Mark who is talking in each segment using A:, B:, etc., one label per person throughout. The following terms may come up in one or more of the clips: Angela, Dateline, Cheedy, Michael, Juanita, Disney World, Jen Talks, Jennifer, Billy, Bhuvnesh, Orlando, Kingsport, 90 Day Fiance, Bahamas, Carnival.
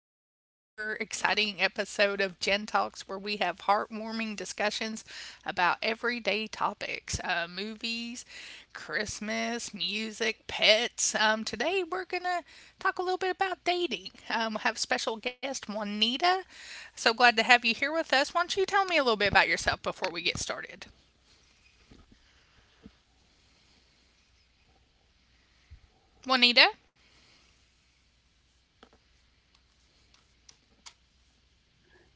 A: back to another exciting episode of Gen Talks, where we have heartwarming discussions about everyday topics, movies, Christmas, music, pets. Today we're going to talk a little bit about dating. We have special guest Juanita. So glad to have you here with us. Why don't you tell me a little bit about yourself before we get started? Juanita?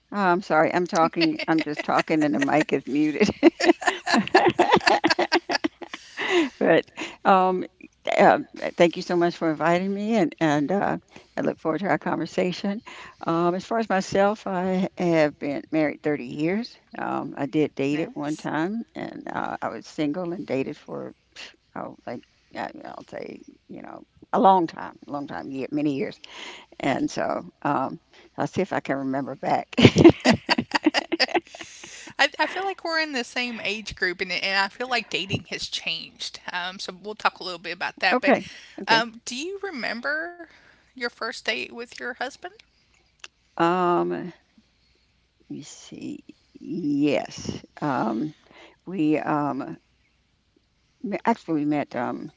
B: Oh, I'm sorry. I'm talking. I'm just talking, and the mic is muted. But um, th- um, thank you so much for inviting me, and I look forward to our conversation. As far as myself, I have been married 30 years. I did date at one
A: Nice.
B: time, and I was single and dated for, oh, like I'll say, you know, a long time, many years. And so I'll see if I can remember back.
A: I feel like we're in the same age group, and I feel like dating has changed. So we'll talk a little bit about that. But
B: Okay. Okay.
A: do you remember your first date with your husband?
B: Let me see. Yes. We um, actually, we met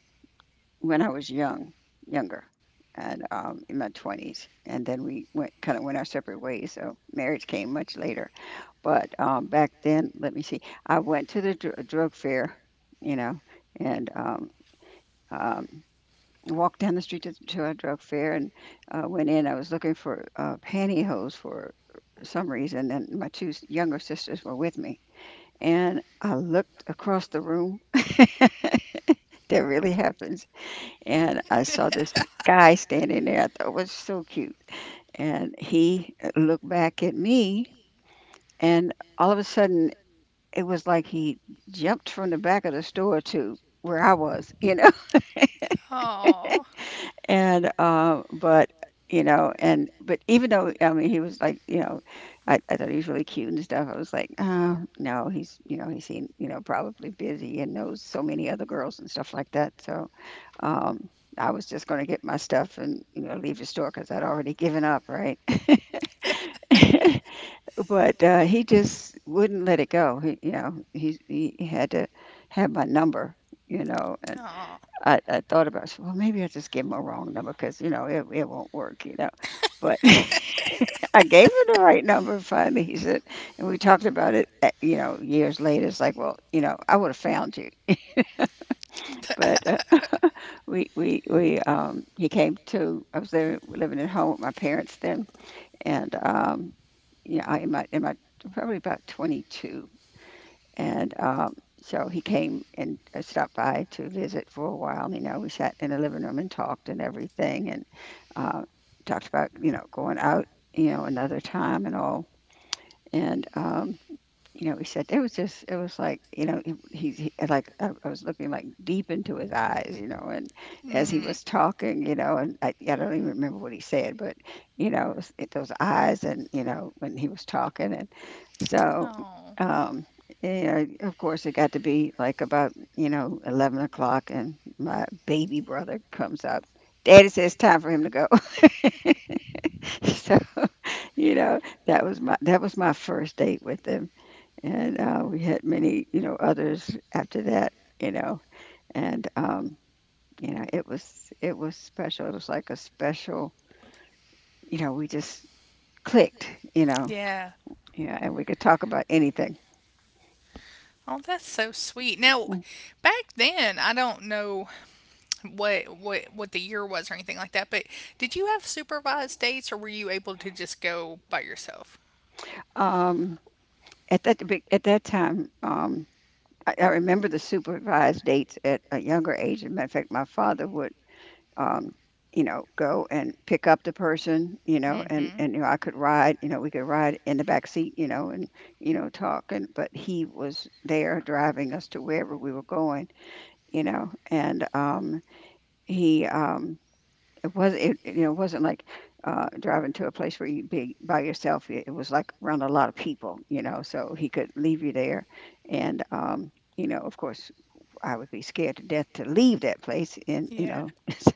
B: when I was young, younger, and in my twenties, and then we went kind of went our separate ways. So marriage came much later. But back then, let me see. I went to the drug fair, you know, and um, walked down the street to a drug fair and went in. I was looking for pantyhose for some reason, and my two younger sisters were with me. And I looked across the room. That really happens. And I saw this guy standing there. I thought was so cute. And he looked back at me, and all of a sudden, it was like he jumped from the back of the store to where I was.
A: Oh.
B: And but and but even though I mean he was like, I thought he was really cute and stuff. I was like, no, he's he's seen, probably busy, and knows so many other girls and stuff like that, so um I was just going to get my stuff and leave the store because I'd already given up, right? But he just wouldn't let it go. He you know he, he had to have my number you know
A: Oh.
B: I thought about, so, "Well, maybe I just gave him a wrong number because, it won't work," you know? But I gave him the right number finally, he said, and we talked about it, years later. It's like, "Well, you know, I would've found you." But, he came to... I was living at home with my parents then, and, yeah, I in my probably about 22. And so he came and stopped by to visit for a while. You know, we sat in the living room and talked and everything, and uh, talked about, going out, another time and all. And he said it was like, like I was looking like deep into his eyes, and as he
A: Mm.
B: was talking, and I don't even remember what he said, but, those eyes and, when he was talking, and so
A: Oh,
B: um of course, it got to be like about, 11 o'clock, and my baby brother comes up. Daddy says it's time for him to go. So, you know, that was my first date with him. And, we had many, others after that, you know, and, it was special. It was like a special, we just clicked,
A: yeah.
B: yeah, and we could talk about anything.
A: Oh, that's so sweet. Now, back then, I don't know what the year was or anything like that. But did you have supervised dates, or were you able to just go by yourself?
B: Um, at that time, I remember the supervised dates at a younger age. As a matter of fact, my father would, um, go and pick up the person, and
A: Mm-hmm.
B: and you know, I could ride, we could ride in the back seat, talk, and but he was there driving us to wherever we were going, you know, and he, it was it it, you know it wasn't like driving to a place where you'd be by yourself. It was like around a lot of people, so he could leave you there, and, of course, I would be scared to death to leave that place, and
A: Yeah.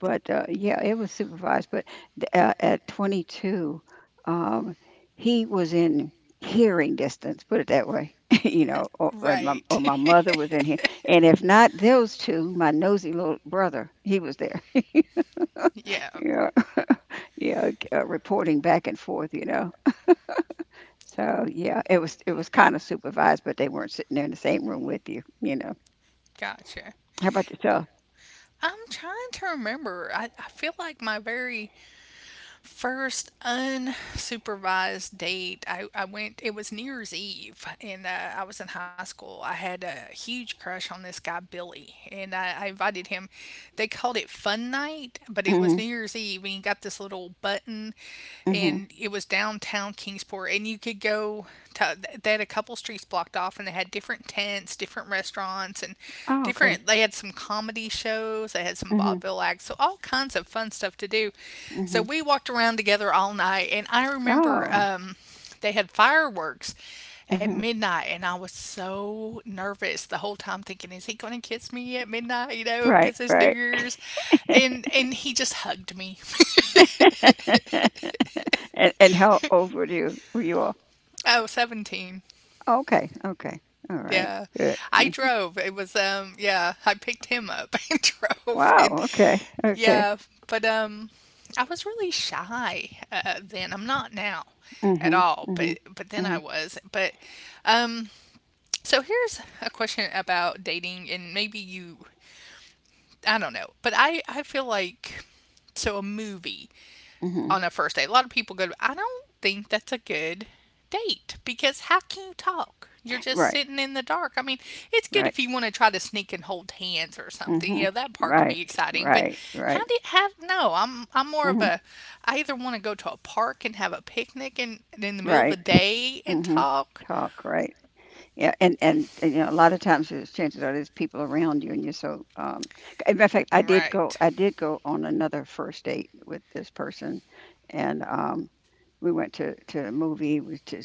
B: But, yeah, it was supervised, but the at 22, um, he was in hearing distance, put it that way,
A: Right.
B: or my mother was in here. And if not those two, my nosy little brother, he was there,
A: Yeah.
B: Yeah, yeah, reporting back and forth. So, yeah, it was kind of supervised, but they weren't sitting there in the same room with you, you know.
A: Gotcha.
B: How about yourself?
A: I'm trying to remember. I feel like my very first unsupervised date, I went. It was New Year's Eve, and I was in high school. I had a huge crush on this guy, Billy, and I invited him. They called it Fun Night, but it was
B: Mm-hmm.
A: New Year's Eve, and he got this little button,
B: Mm-hmm.
A: and it was downtown Kingsport, and you could go. To, they had a couple streets blocked off, and they had different tents, different restaurants. And
B: Oh, okay.
A: different. They had some comedy shows. They had some
B: Mm-hmm.
A: vaudeville acts, so all kinds of fun stuff to do. So
B: Mm-hmm.
A: we walked around together all night, and I remember
B: Oh.
A: they had fireworks at
B: Mm-hmm.
A: midnight, and I was so nervous the whole time thinking, is he going to kiss me at midnight? You know,
B: Right,
A: kiss his
B: right.
A: niggers. And he just hugged me.
B: And how old were you, all?
A: Oh, 17.
B: Okay, okay. All right.
A: Yeah.
B: Good.
A: I
B: Mm.
A: drove. It was um, yeah, I picked him up and drove. And
B: Wow, okay. Okay.
A: yeah, but I was really shy then. I'm not now at
B: Mhm.
A: all,
B: Mhm.
A: but then I
B: Mhm.
A: was. But um so here's a question about dating. And maybe you, I don't know, but I feel like, so a movie
B: Mhm.
A: on a first date. A lot of people go, I don't think that's a good date, because how can you talk? You're just
B: Right.
A: sitting in the dark. I mean, it's good
B: Right.
A: if you want to try to sneak and hold hands or something. You
B: Mhm.
A: know, that part can
B: Right.
A: be exciting. But
B: Right.
A: how
B: Right.
A: do you, have? No, I'm more of
B: Mhm.
A: a, I either want to go to a park and have a picnic, and in the middle of the
B: Right.
A: day, and
B: Mhm.
A: talk.
B: Talk, right. Yeah, and a lot of times, there's chances are there's people around you, and you're so, in matter of fact,
A: Right.
B: I did go on another first date with this person. And we went to a movie. We to,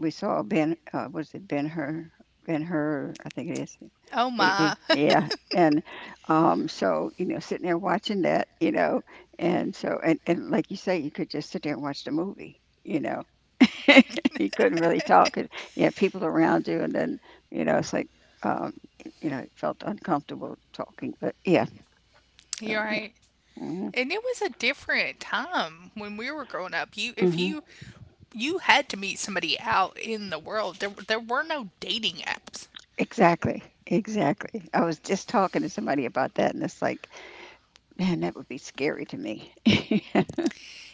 B: we saw Ben. Was it Ben Hur? Ben Hur, I think it is.
A: Oh my.
B: Yeah, and, so, sitting there watching that, and so and, like you say, you could just sit there and watch the movie. You couldn't really talk. And, you had people around you, and then, it's like, um, it felt uncomfortable talking. But yeah, so
A: You're
B: yeah.
A: right.
B: Hmm.
A: And it was a different time when we were growing up. You, if
B: Hmm.
A: you you had to meet somebody out in the world. There were no dating apps.
B: Exactly. Exactly. I was just talking to somebody about that, and it's like, "Man, that would be scary to me."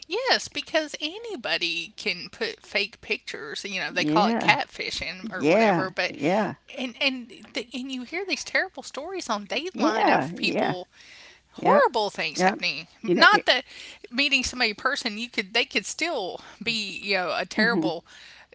A: Yes, because anybody can put fake pictures. You know, they call it
B: Yeah.
A: catfishing or whatever.
B: Yeah.
A: But
B: Yeah.
A: and the, and you hear these terrible stories on Dateline
B: Yeah.
A: of
B: Yeah.
A: people,
B: Yep.
A: horrible things
B: Yep.
A: happening.
B: You know,
A: Not
B: it
A: that meeting somebody in person, you could, they could still be, you know, a
B: mhm.
A: terrible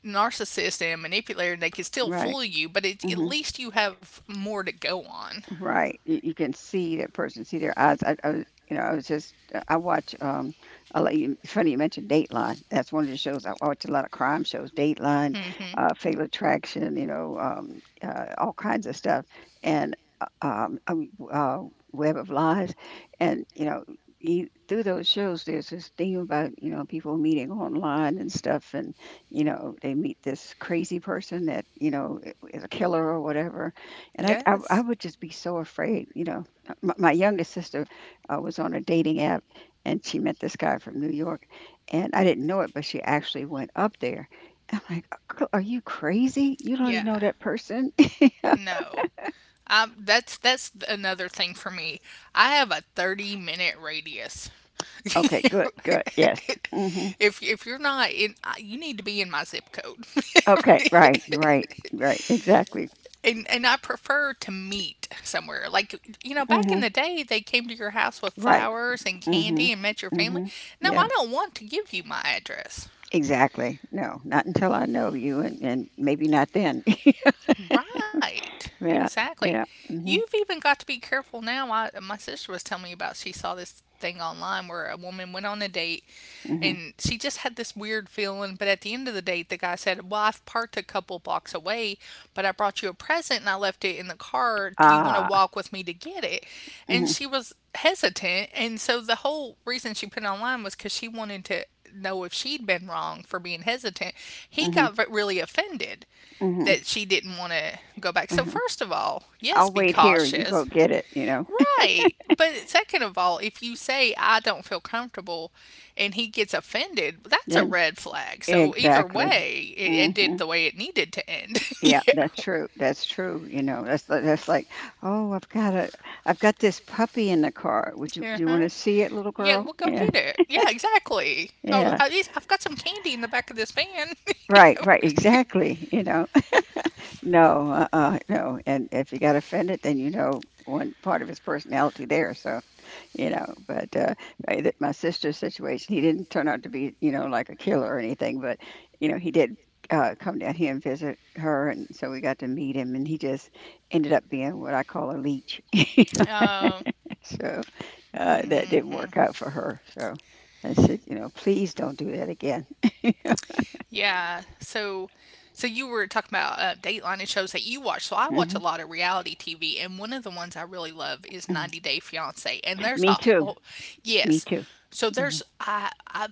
A: narcissist and manipulator, and they could still
B: Right.
A: fool you. But it, at
B: Mhm.
A: least you have more to go on.
B: Right, you can see that person, see their eyes. I was- you know, I was just I watch, it's funny you mentioned Dateline. That's one of the shows I watch, a lot of crime shows. Dateline,
A: Hmm?
B: Fatal Attraction, all kinds of stuff, and, Web of Lies, and, through those shows, there's this thing about, people meeting online and stuff, and, they meet this crazy person that, is a killer or whatever, and I I
A: Yes.
B: I would just be so afraid, you know. My youngest sister was on a dating app, and she met this guy from New York, and I didn't know it, but she actually went up there. I'm like, "Girl, are you crazy? You don't know
A: Yeah,
B: that person?"
A: no. That's another thing for me. I have a 30-minute radius.
B: Okay, good, good, yes. Hmm.
A: If you're not in, I- you need to be in my zip code.
B: Okay, right, right, right, exactly.
A: And I prefer to meet somewhere. Like, you know, back in
B: Hmm.
A: the day, they came to your house with
B: Right.
A: flowers and
B: Hmm.
A: candy and met your family.
B: Hmm.
A: No, I
B: Yeah,
A: don't want to give you my address.
B: exactly. No, not until I know you, and, maybe not then.
A: Right.
B: Yeah,
A: Exactly.
B: yeah.
A: You've
B: Hmm.
A: even got to be careful now. I, my sister was telling me about, she saw this thing online where a woman went on a date,
B: Hmm.
A: and she just had this weird feeling, but at the end of the date the guy said, "Well, I've parked a couple blocks away, but I brought you a present and I left it in the car. Do you want to
B: Ah.
A: walk with me to get it?" And
B: Mm-hmm.
A: she was hesitant, and so the whole reason she put it online was cuz she wanted to know if she'd been wrong for being hesitant. He
B: Mhm,
A: got really offended
B: mhm,
A: that she didn't want to go back. So,
B: mhm.
A: first of all, yes,
B: "I'll
A: be
B: wait here, you go
A: cautious.
B: get it," you know?
A: Right. But second of all, if you say, I don't feel comfortable, and he gets offended, that's a
B: Then
A: red flag. So, either
B: exactly.
A: way, it ended
B: Mhm.
A: the way it needed to end.
B: Yeah,
A: Yeah.
B: that's true, you know? That's li that's like, "Oh, I've got this puppy in the car. Would you Do you
A: Uh-huh.
B: wanna see it, little
A: Yeah,
B: girl?"
A: well, go
B: Yeah,
A: get it. Yeah, exactly. Oh,
B: yeah.
A: at least I've got some candy in the back of this van.
B: Right, right, exactly, you know? No, uh-uh, no, and if he got offended, then, one part of his personality there, so, You know, but, I th my sister's situation, he didn't turn out to be, like a killer or anything, but, he did, come down here and visit her, and so we got to meet him, and he just ended up being what I call a leech.
A: Um,
B: So, that didn't
A: mm.
B: work out for her, so I said, "Please don't do that again."
A: Yeah. So, so you were talking about Dateline and shows that you watch. So I watch a
B: Mhm,
A: lot of reality TV, and one of the ones I really love is
B: mm.
A: 90 Day Fiance. And there's a
B: Me too,
A: whole,
B: me
A: yes.
B: too.
A: So
B: Mhm,
A: there's I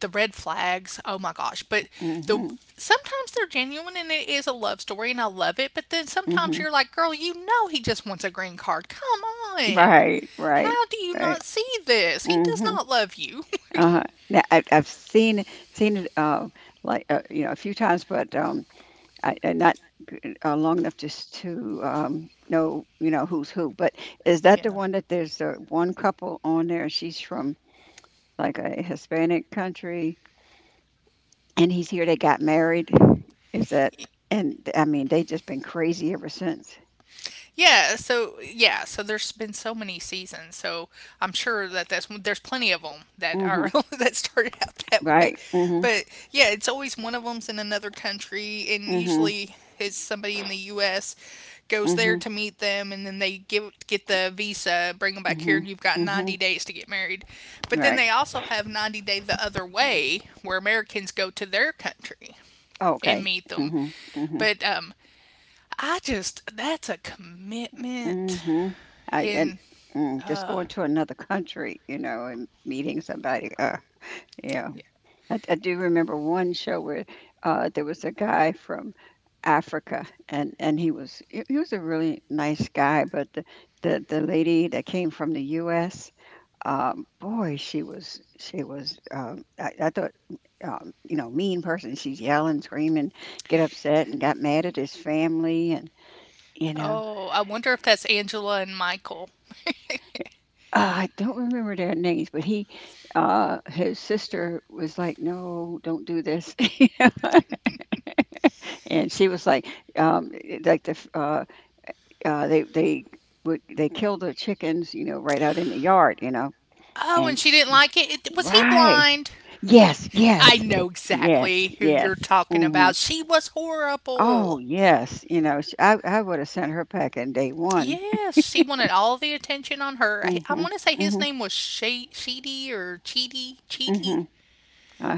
A: the red flags. Oh my gosh! But the,
B: mhm,
A: sometimes they're genuine and it is a love story, and I love it. But then sometimes
B: mhm.
A: you're like, girl, you know he just wants a green card. Come on.
B: Right, right,
A: How do you not
B: right.
A: see this? He does
B: Mhm.
A: not love you.
B: Uh-huh. Yeah, I've seen it, like, a few times, but, I not, long enough just to, know, who's who. But is that
A: Yeah.
B: the one that there's one couple on there? She's from like a Hispanic country, and he's here. They got married. Is that And I mean they just been crazy ever since.
A: Yeah, so yeah, so there's been so many seasons, so I'm sure that that's there's plenty of them that
B: Mm-hmm.
A: are that started out that way,
B: Right? Mm-hmm.
A: but yeah, it's always one of them's in another country, and
B: Mm-hmm.
A: usually it's somebody in the U.S. goes there
B: Mm-hmm.
A: to meet them, and then they give get the visa, bring them back here,
B: Mm-hmm.
A: and you've got
B: Mm-hmm.
A: 90 days to get married, but then
B: Right.
A: they also have 90 day the other way, where Americans go to their country
B: Oh,
A: and
B: okay.
A: meet them.
B: Mm-hmm. Mm-hmm.
A: But I just that's a commitment
B: Mhm. I and
A: in
B: just
A: uh,
B: going to another country, and meeting somebody, yeah.
A: yeah.
B: I do remember one show where, there was a guy from Africa, and he was a really nice guy, but the lady that came from the US, boy, she was, I thought, mean person. She's yelling, screaming, get upset, and got mad at his family and, you know
A: Oh, I wonder if that's Angela and Michael.
B: I don't remember their names, but he, his sister was like, "No, don't do this," and she was like, um, "Like the f- they would they kill the chickens, right out in the yard, you know."
A: Oh, and
B: And
A: she didn't
B: she,
A: like it. Was he
B: right,
A: blind?
B: yes,
A: I
B: yes,
A: know
B: yes,
A: exactly who
B: yes.
A: you're talking
B: Hmm.
A: about. She was
B: Oh
A: horrible.
B: yes, you know, sh I would have sent her packing day one.
A: Yes, she wanted all the attention on her.
B: Hmm.
A: I want to say his
B: Hmm.
A: name was Sheedy or Cheedy, Cheedy.
B: Hmm.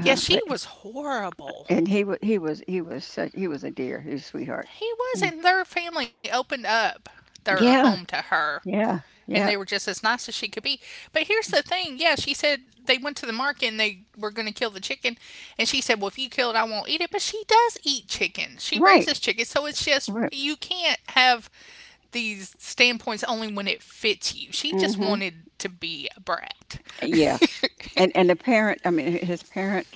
A: Yeah, she was horrible.
B: And he was a dear. He was a sweetheart.
A: He was,
B: Mm.
A: and their family opened up their home to
B: Yeah,
A: her.
B: yeah,
A: And they
B: yeah.
A: were just as nice as she could be. But here's the thing, yeah, she said they went to the market and they were going to kill the chicken. And she said, well, if you kill it, I won't eat it. But she does eat chicken, she raises
B: Right.
A: chicken. So it's just,
B: Right.
A: you can't have these standpoints only when it fits you. She just
B: Hmm.
A: wanted to be a brat.
B: Yeah. And the parent, I mean, his parent,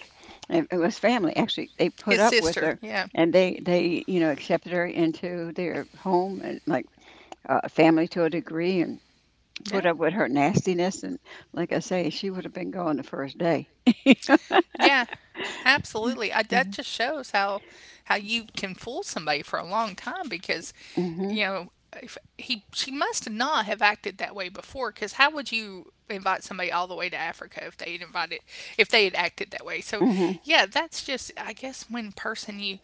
B: and it was family actually. They put
A: His
B: up with
A: sister,
B: her,
A: yeah.
B: and they you know accepted her into their home and like family to a degree, and put
A: Yeah.
B: up with her nastiness. And like I say, she would have been gone the first day.
A: Yeah, absolutely. I, that
B: Hmm.
A: just shows how you can fool somebody for a long time, because,
B: Hmm.
A: you know, if he, she must not have acted that way before, because how would you invite somebody all the way to Africa if they had invited, if they had acted that way? So
B: Hmm.
A: yeah, that's just I guess when person you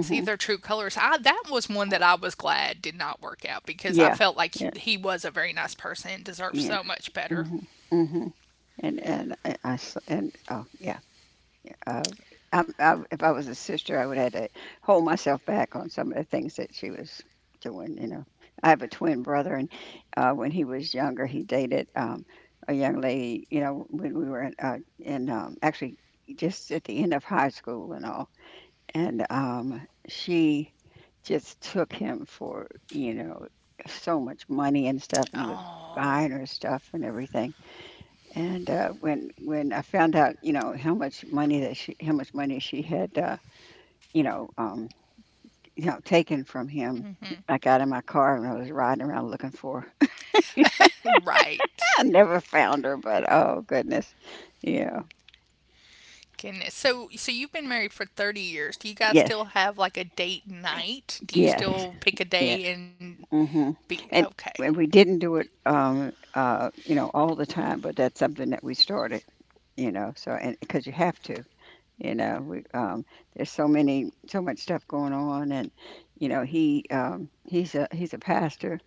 A: see their true colors. I that was one that I was glad did not work out, because I
B: Yeah.
A: felt like
B: Yeah.
A: he was a very nice person and deserved
B: Yeah.
A: so much better.
B: Hmm. Hmm. And oh, yeah, uh, I if I was a sister, I would have had to hold myself back on some of the things that she was doing, you know? I have a twin brother, and, when he was younger, he dated, a young lady, you know, when we were in, actually just at the end of high school and all, and, she just took him for, you know, so much money and stuff, and he was
A: Oh,
B: buying her stuff and everything. And, when I found out, you know, how much money she had, you know, um, you know, taken from him, I got in my car and I was riding around looking for her.
A: right.
B: I never found her, but oh goodness. Yeah.
A: Goodness. So, so you've been married for 30 years. Do you guys
B: Yes.
A: still have like a date night? Do you
B: Yes.
A: still pick a
B: Yes.
A: day and
B: Mhm.
A: be
B: And
A: okay?
B: we didn't do it you know all the time, but that's something that we started, you know. So and because you have to. You know, we, there's so many, so much stuff going on, and you know, he's a pastor,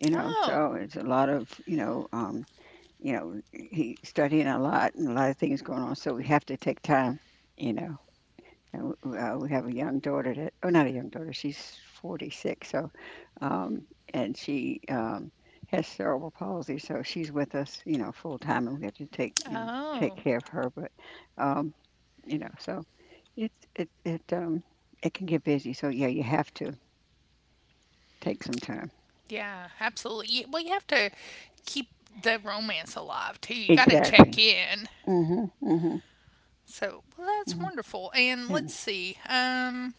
B: you know,
A: Oh,
B: so it's a lot of you know, he's studying a lot and a lot of things going on. So we have to take time, you know. And we have a young daughter that, oh, not a young daughter, she's 46. So, um, and she has cerebral palsy, so she's with us, you know, full time, and we have to take, you know, take
A: oh,
B: care of her. But um, you know, so it's it it it can get busy. So yeah, you have to take some time.
A: yeah, absolutely. You- Well, you have to keep the romance alive too. You got to check
B: Exactly.
A: in.
B: Mhm. Mhm.
A: So, well, that's
B: Mhm.
A: wonderful. And
B: Yeah.
A: let's see.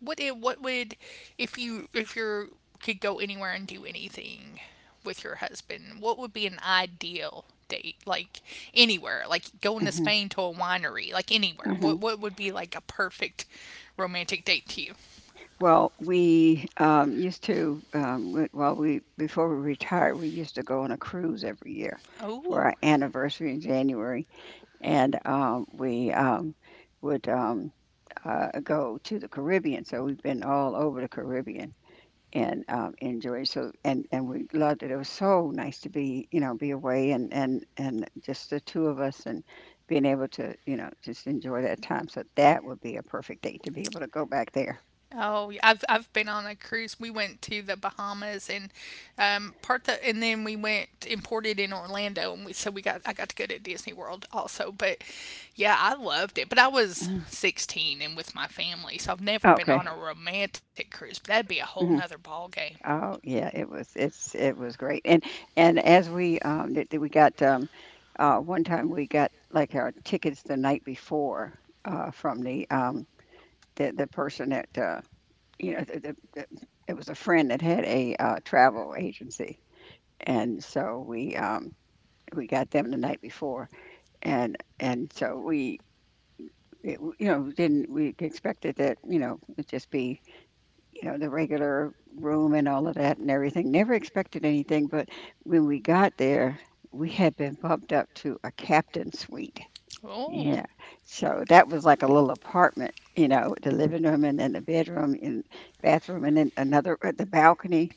A: What it what would, if you could go anywhere and do anything with your husband? What would be an ideal date? Like, anywhere, like going to
B: Mhm.
A: Spain to a winery, like anywhere.
B: Mhm.
A: What would be like a perfect romantic date to you?
B: Well, we used to well we before we retired, we used to go on a cruise every year for
A: Oh.
B: our anniversary in January, and we would go to the Caribbean. So we've been all over the Caribbean. And, enjoy, so and we loved it. It was so nice to be, you know, be away and just the two of us and being able to, you know, just enjoy that time, so that would be a perfect date to be able to go back there.
A: Oh, yeah, I've been on a cruise. We went to the Bahamas, and part the, and then we went imported in Orlando, and we so we got I got to go to Disney World also. But yeah, I loved it. But I was
B: Mhm.
A: 16 and with my family, so I've never been
B: Okay.
A: on a romantic cruise. But that'd be a whole nother
B: Mhm.
A: ball game.
B: Oh, yeah, it was great, and as we, that that we got, one time we got, like, our tickets the night before, from the person that, you know, the, the, the, it was a friend that had a travel agency, and so we got them the night before, and so we you know didn't we expected that you know it'd just be you know the regular room and all of that and everything. Never expected anything, but when we got there, we had been bumped up to a captain suite.
A: Oh,
B: Yeah, so that was like a little apartment, you know, the living room and then the bedroom and bathroom and then another the balcony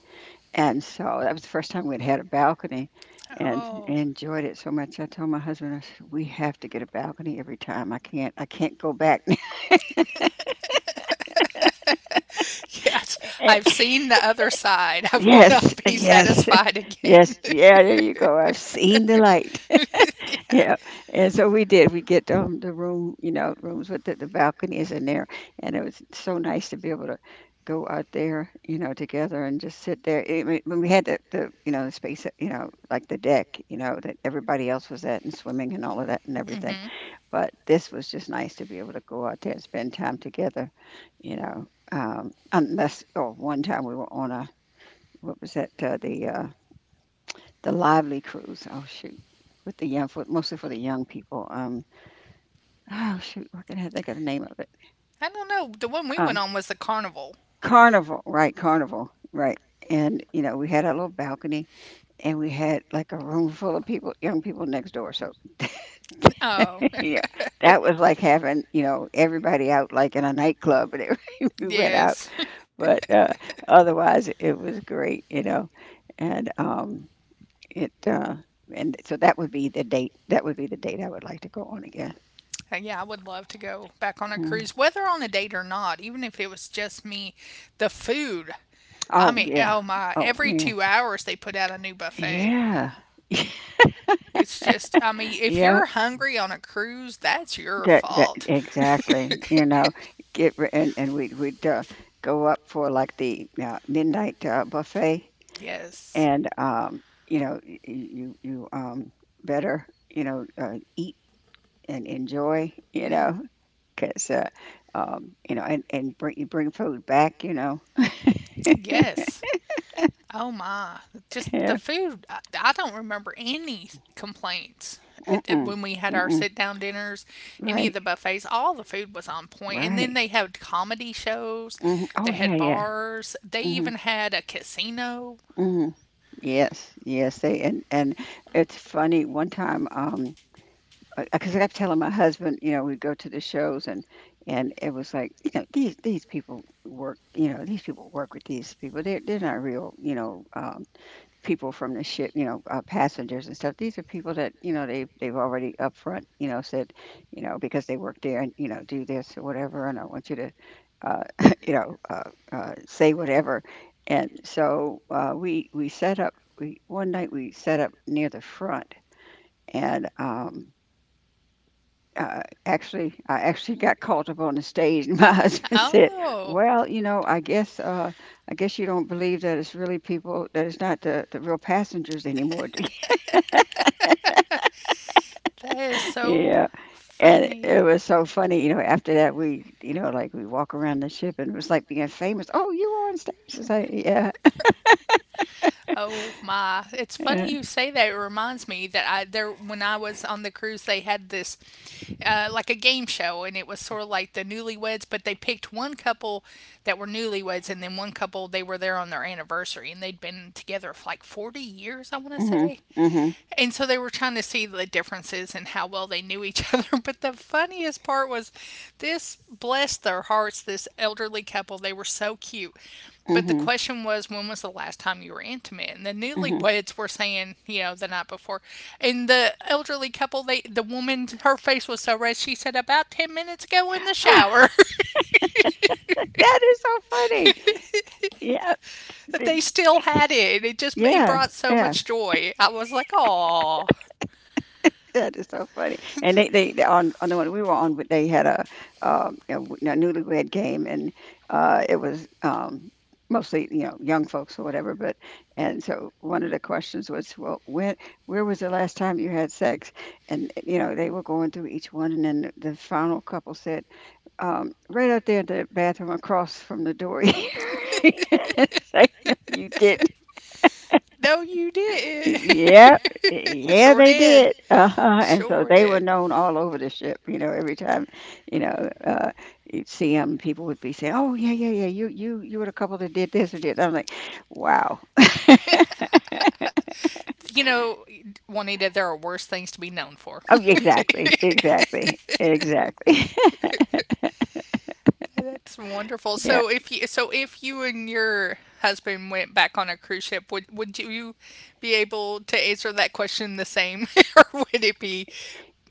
B: and so that was the first time we'd had a balcony and I
A: oh.
B: enjoyed it so much. I told my husband, I said, "We have to get a balcony every time. I can't go back."
A: Yes, I've seen the other side. I will not
B: Yes,
A: be
B: yes,
A: satisfied again.
B: yes. Yeah, there you go. I've seen the light.
A: Yeah.
B: Yeah, and so we did. We get the room, you know, rooms with the balconies in there, and it was so nice to be able to go out there, you know, together and just sit there. I mean, when we had the you know the space, you know, like the deck, you know, that everybody else was at and swimming and all of that and everything.
A: Hmm.
B: But this was just nice to be able to go out there and spend time together, you know. Unless, oh, one time we were on a what was that? The Lively Cruise. Oh shoot with the young for mostly for the young people. Oh, shoot, why can't I think of the name of it?
A: I don't know. The one we went
B: Um,
A: on was the carnival.
B: Carnival, right, Carnival, right. And, you know, we had a little balcony and we had like a room full of people, young people next door. So,
A: Oh,
B: yeah, that was like having, you know, everybody out like in a nightclub and everything. We went out.
A: yes.
B: But otherwise, it was great, you know. And it, uh, and so that would be the date. That would be the date I would like to go on again.
A: Yeah, I would love to go back on a
B: Mm.
A: cruise, whether on a date or not, even if it was just me. The food. I
B: Oh,
A: mean,
B: yeah.
A: oh my,
B: Oh,
A: every
B: man.
A: 2 hours they put out a new buffet.
B: Yeah.
A: It's just, I mean, if
B: Yeah.
A: you're hungry on a cruise, that's your
B: That
A: fault.
B: exactly, you know, get re- and we'd we'd go up for like the midnight buffet,
A: Yes.
B: and you know, you better you know eat and enjoy, you
A: Mm.
B: know, because you know, and bring you bring food back, you know,
A: Yes. Oh my. Just the
B: yeah,
A: food. I don't remember any complaints at,
B: mm-mm,
A: when we had our
B: mm-mm,
A: sit down dinners, any of
B: right,
A: the buffets. All the food was on point. And then
B: right,
A: they had comedy shows,
B: hmm
A: they
B: oh
A: had
B: yeah, yeah.
A: bars, they
B: Mm-hmm,
A: even had a casino.
B: mm-hmm. Yes, yes, they and it's funny. One time. Because I kept telling my husband, you know, we'd go to the shows and it was like, you know, these people work, you know, these people work with these people. They're not real, you know, people from the ship, you know, passengers and stuff. These are people that, you know, they've already up front, you know, said, you know, because they work there and, you know, do this or whatever, and I want you to, uh, you know, say whatever. And so we set up. We one night we set up near the front and. Actually, I actually got called up on the stage, and my husband said,
A: Oh.
B: "Well, you know, I guess you don't believe that it's really people that it's not the real passengers anymore." do you?"
A: That is so
B: yeah, and
A: funny.
B: it was so funny. You know, after that, we, you know, like we walk around the ship, and it was like being famous. Oh, you were on stage. It's like, yeah,
A: Oh my. It's funny
B: yeah.
A: you say that. It reminds me that I there when I was on the cruise they had this like a game show, and it was sort of like the newlyweds, but they picked one couple that were newlyweds, and then one couple they were there on their anniversary and they'd been together for like 40 years, I want to
B: Mhm,
A: say.
B: mhm,
A: And so they were trying to see the differences and how well they knew each other. But the funniest part was this, bless their hearts, this elderly couple, they were so cute. But the
B: mhm,
A: question was, when was the last time you were intimate? And the
B: mhm.
A: newlyweds were saying, you know, the night before. And the elderly couple, they, the woman, her face was so red. She said, about 10 minutes ago in the shower.
B: that is so funny. Yeah,
A: That they
B: th-
A: still had it. And it just it
B: yeah,
A: brought so
B: yeah.
A: much joy. I was like, oh.
B: That is so funny. And on the one we were on, but they had a a newlywed game, and it was mostly you know young folks or whatever. But and so one of the questions was, well, when where was the last time you had sex? And you know they were going through each one, and then the final couple said, right out there in the bathroom across from the door. It's like, no, you didn't.
A: No, you did.
B: Yeah, yeah,
A: Sure
B: they
A: did.
B: did. Uh-huh. And so
A: Sure
B: they were
A: did.
B: known all over the ship. You know, every time, you know, you'd see them, people would be saying, "Oh, yeah, yeah, yeah, you were the couple that did this or did." I'm like, "Wow."
A: You know, Juanita, there are worse things to be known for.
B: Oh, exactly, exactly, exactly.
A: That's wonderful.
B: Yeah,
A: So if you and your husband went back on a cruise ship, would you be able to answer that question the same, or would it be,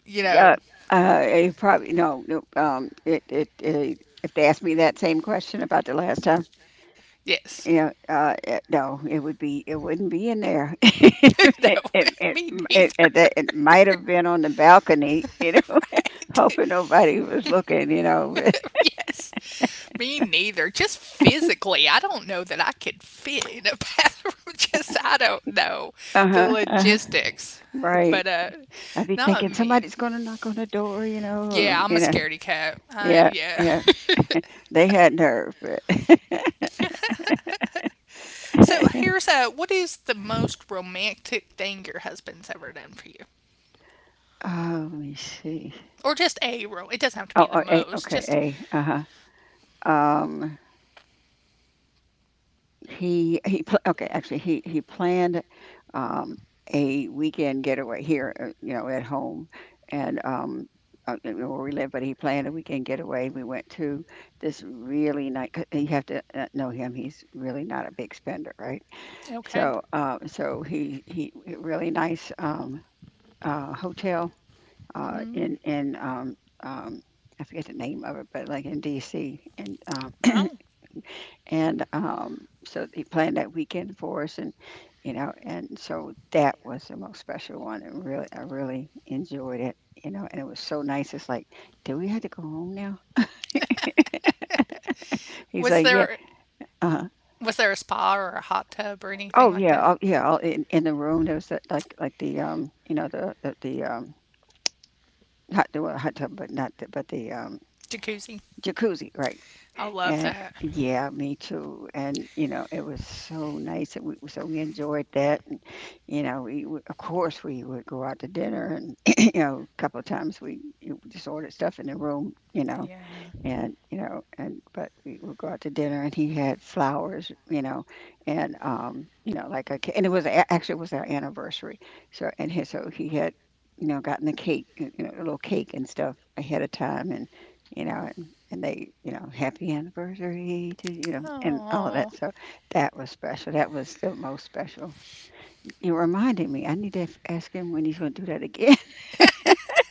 A: you know,
B: yeah. It probably no, no. It. If they asked me that same question about the last time,
A: yes,
B: yeah, no, it would be, it wouldn't be in there.
A: no, me neither,
B: It might have been on the balcony, you know,
A: right?
B: hoping nobody was looking, you know.
A: Yes. Me neither. Just physically, I don't know that I could fit in a bathroom. Just I don't know
B: Uh
A: the
B: huh. Uh-huh.
A: logistics,
B: Right.
A: but
B: I'd be
A: not
B: thinking
A: me.
B: somebody's gonna knock on the door, you know, or,
A: Yeah, I'm a
B: you know.
A: scaredy cat. I,
B: Yeah,
A: yeah.
B: yeah. They had nerve. But
A: So here's what is the most romantic thing your husband's ever done for you,
B: oh, let me see.
A: or just a ro? It doesn't have to be
B: Oh,
A: the
B: oh A,
A: most.
B: okay,
A: Just
B: A. Uh huh. Um. He pl okay, actually, he planned, um, a weekend getaway here, you know, at home, and, I don't know where we live, but he planned a weekend getaway. We went to this really nice. You have to, know him, he's really not a big spender, right?
A: okay.
B: So he a really nice, hotel, uh, in
A: Mm.
B: in, um um, I forget the name of it, but, like, in DC, and, um
A: Oh,
B: and um, so he planned that weekend for us, and you know, and so that was the most special one, and really, I really enjoyed it, you know, and it was so nice. It's like, do we have to go home now? He's
A: was
B: like, yeah,
A: there,
B: uh,
A: was there a spa or a hot tub or anything
B: oh
A: like
B: yeah,
A: that?
B: oh yeah, all in the room there was that, like the you know, the hot the well, hot tub, but not the, but the
A: Jacuzzi.
B: jacuzzi, right?
A: I love
B: And
A: that.
B: yeah, me too. And you know, it was so nice, and we enjoyed that. And you know, of course we would go out to dinner, and you know, a couple of times we you know, just ordered stuff in the room.
A: Yeah.
B: You know and but we would go out to dinner and he had flowers, you know, and you know, like a ca- and it was a- actually it was our anniversary, so he had, you know, gotten the cake, you know, a little cake and stuff ahead of time, and you know, and they, you know, happy anniversary to, you know, and all of that.
A: Oh.
B: So that was special. That was the most special. It reminded me, I need to ask him when he's going to do that again.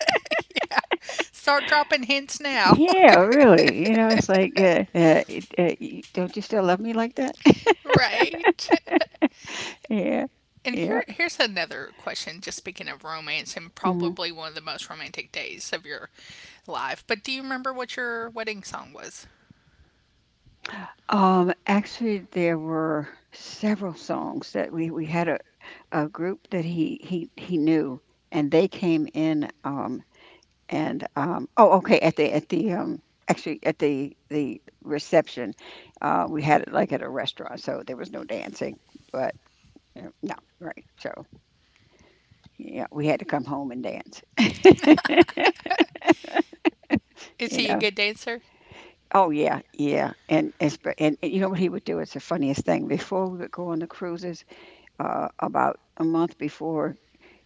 A: Yeah. Start dropping hints now.
B: Yeah, really, you know, it's like don't you still love me like that?
A: Right.
B: Yeah,
A: And here,
B: yeah.
A: here's another question just speaking of romance and
B: Mhm.
A: probably one of the most romantic days of your life. But do you remember what your wedding song was?
B: Actually, there were several songs. That we we had a group that he knew, and they came in. And Oh, okay. At the actually at the reception, we had it like at a restaurant, so there was no dancing. But No, right. So yeah, we had to come home and dance.
A: Is
B: You
A: he a
B: know.
A: good dancer?
B: Oh yeah, yeah, and you know what he would do? It's the funniest thing. Before we would go on the cruises, about a month before,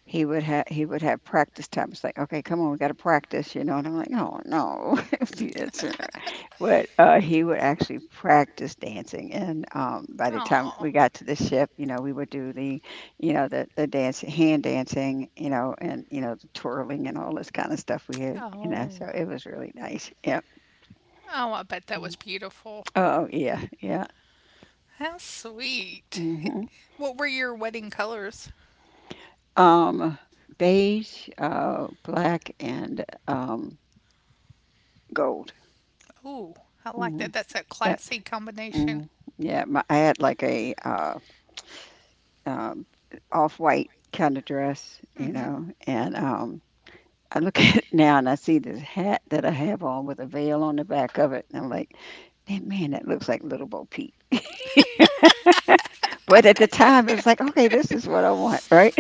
B: he would have practice time. It's like, okay, come on, we got to practice, you know. And I'm like, oh no, it's, you know. But He would actually practice dancing. And By the time
A: Oh.
B: we got to the ship, you know, we would do you know, the dance, hand dancing, you know, and you know, the twirling and all this kind of stuff we had, you know.
A: Oh.
B: So it was really nice. Yeah.
A: Oh, I bet that was beautiful.
B: Oh yeah, yeah.
A: How sweet.
B: Hmm.
A: What were your wedding colors?
B: Um, Beige, black, and gold.
A: Ooh, I like
B: Mhm.
A: that. That's a
B: Yeah.
A: classy combination.
B: Mhm. Yeah, my I had like a, um, off-white kinda dress,
A: Mm
B: you
A: hmm.
B: know, and I look at it now and I see this hat that I have on with a veil on the back of it, and I'm like, "That man, that looks like Little Bo Peep." But at the time, it was like, "Okay, this is what I want." Right?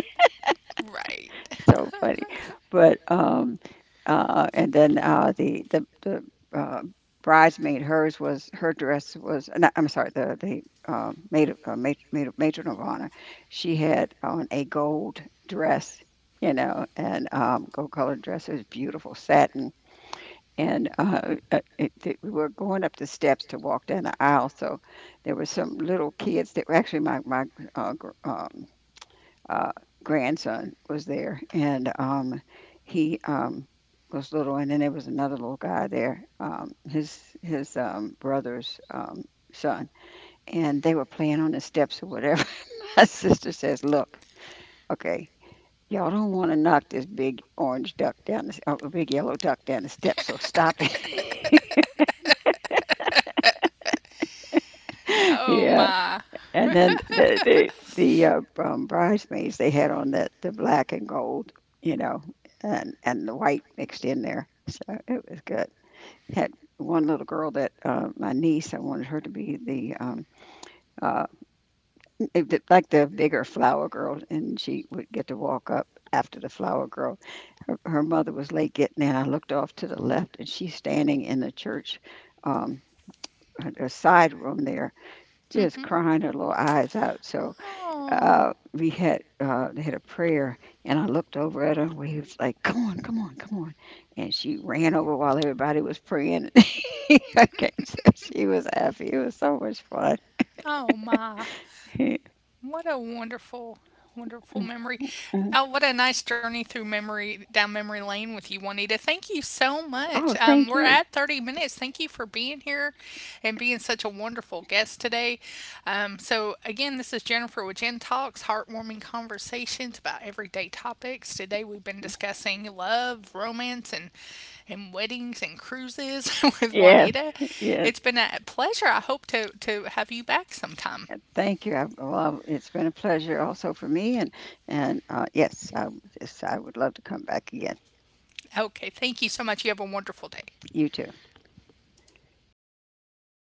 A: Right.
B: So funny. But and then The uh, bridesmaid, her dress was. Not, I'm sorry, the maid, of- maid, maid, of- matron of honor. She had on a gold dress, you know, and gold colored dress. It was beautiful satin. And we were going up the steps to walk down the aisle, so there were some little kids that were actually my uh, gr- um, uh, grandson was there, and he was little, and then there was another little guy there, his brother's, son, and they were playing on the steps or whatever. My sister says, "Look, okay." Y'all don't want to knock this big orange duck down the, big yellow duck down the steps, so stop it.
A: Oh
B: Yeah,
A: my.
B: and then the the the uh, um, bridesmaids, they had on the black and gold, you know, and the white mixed in there, so it was good. Had one little girl, that my niece, I wanted her to be the uh like, the bigger flower girl, and she would get to walk up after the flower girl. Her mother was late getting in. I looked off to the left, and she's standing in the church, um, a side room there, just
A: Mm-hmm.
B: crying her little eyes out. So
A: Oh.
B: we had, they had a prayer, and I looked over at her. We was like, "Come on, come on, come on!" And she ran over while everybody was praying. I came, so she was happy. It was so much fun.
A: Oh my. What a wonderful, wonderful memory.
B: Mhm.
A: Oh, what a nice journey through memory down memory lane with you, Juanita. Thank you so much.
B: Oh, thank
A: We're
B: you.
A: at 30 minutes. Thank you for being here and being such a wonderful guest today. So, again, this is Jennifer with Jen Talks, heartwarming conversations about everyday topics. Today, we've been discussing love, romance, and weddings and cruises with
B: Yes,
A: Juanita.
B: yes.
A: It's been a pleasure. I hope to have you back sometime.
B: Thank you. I, well, it's been a pleasure also for me, and yes, I would love to come back again.
A: Okay, thank you so much. You have a wonderful day.
B: You too.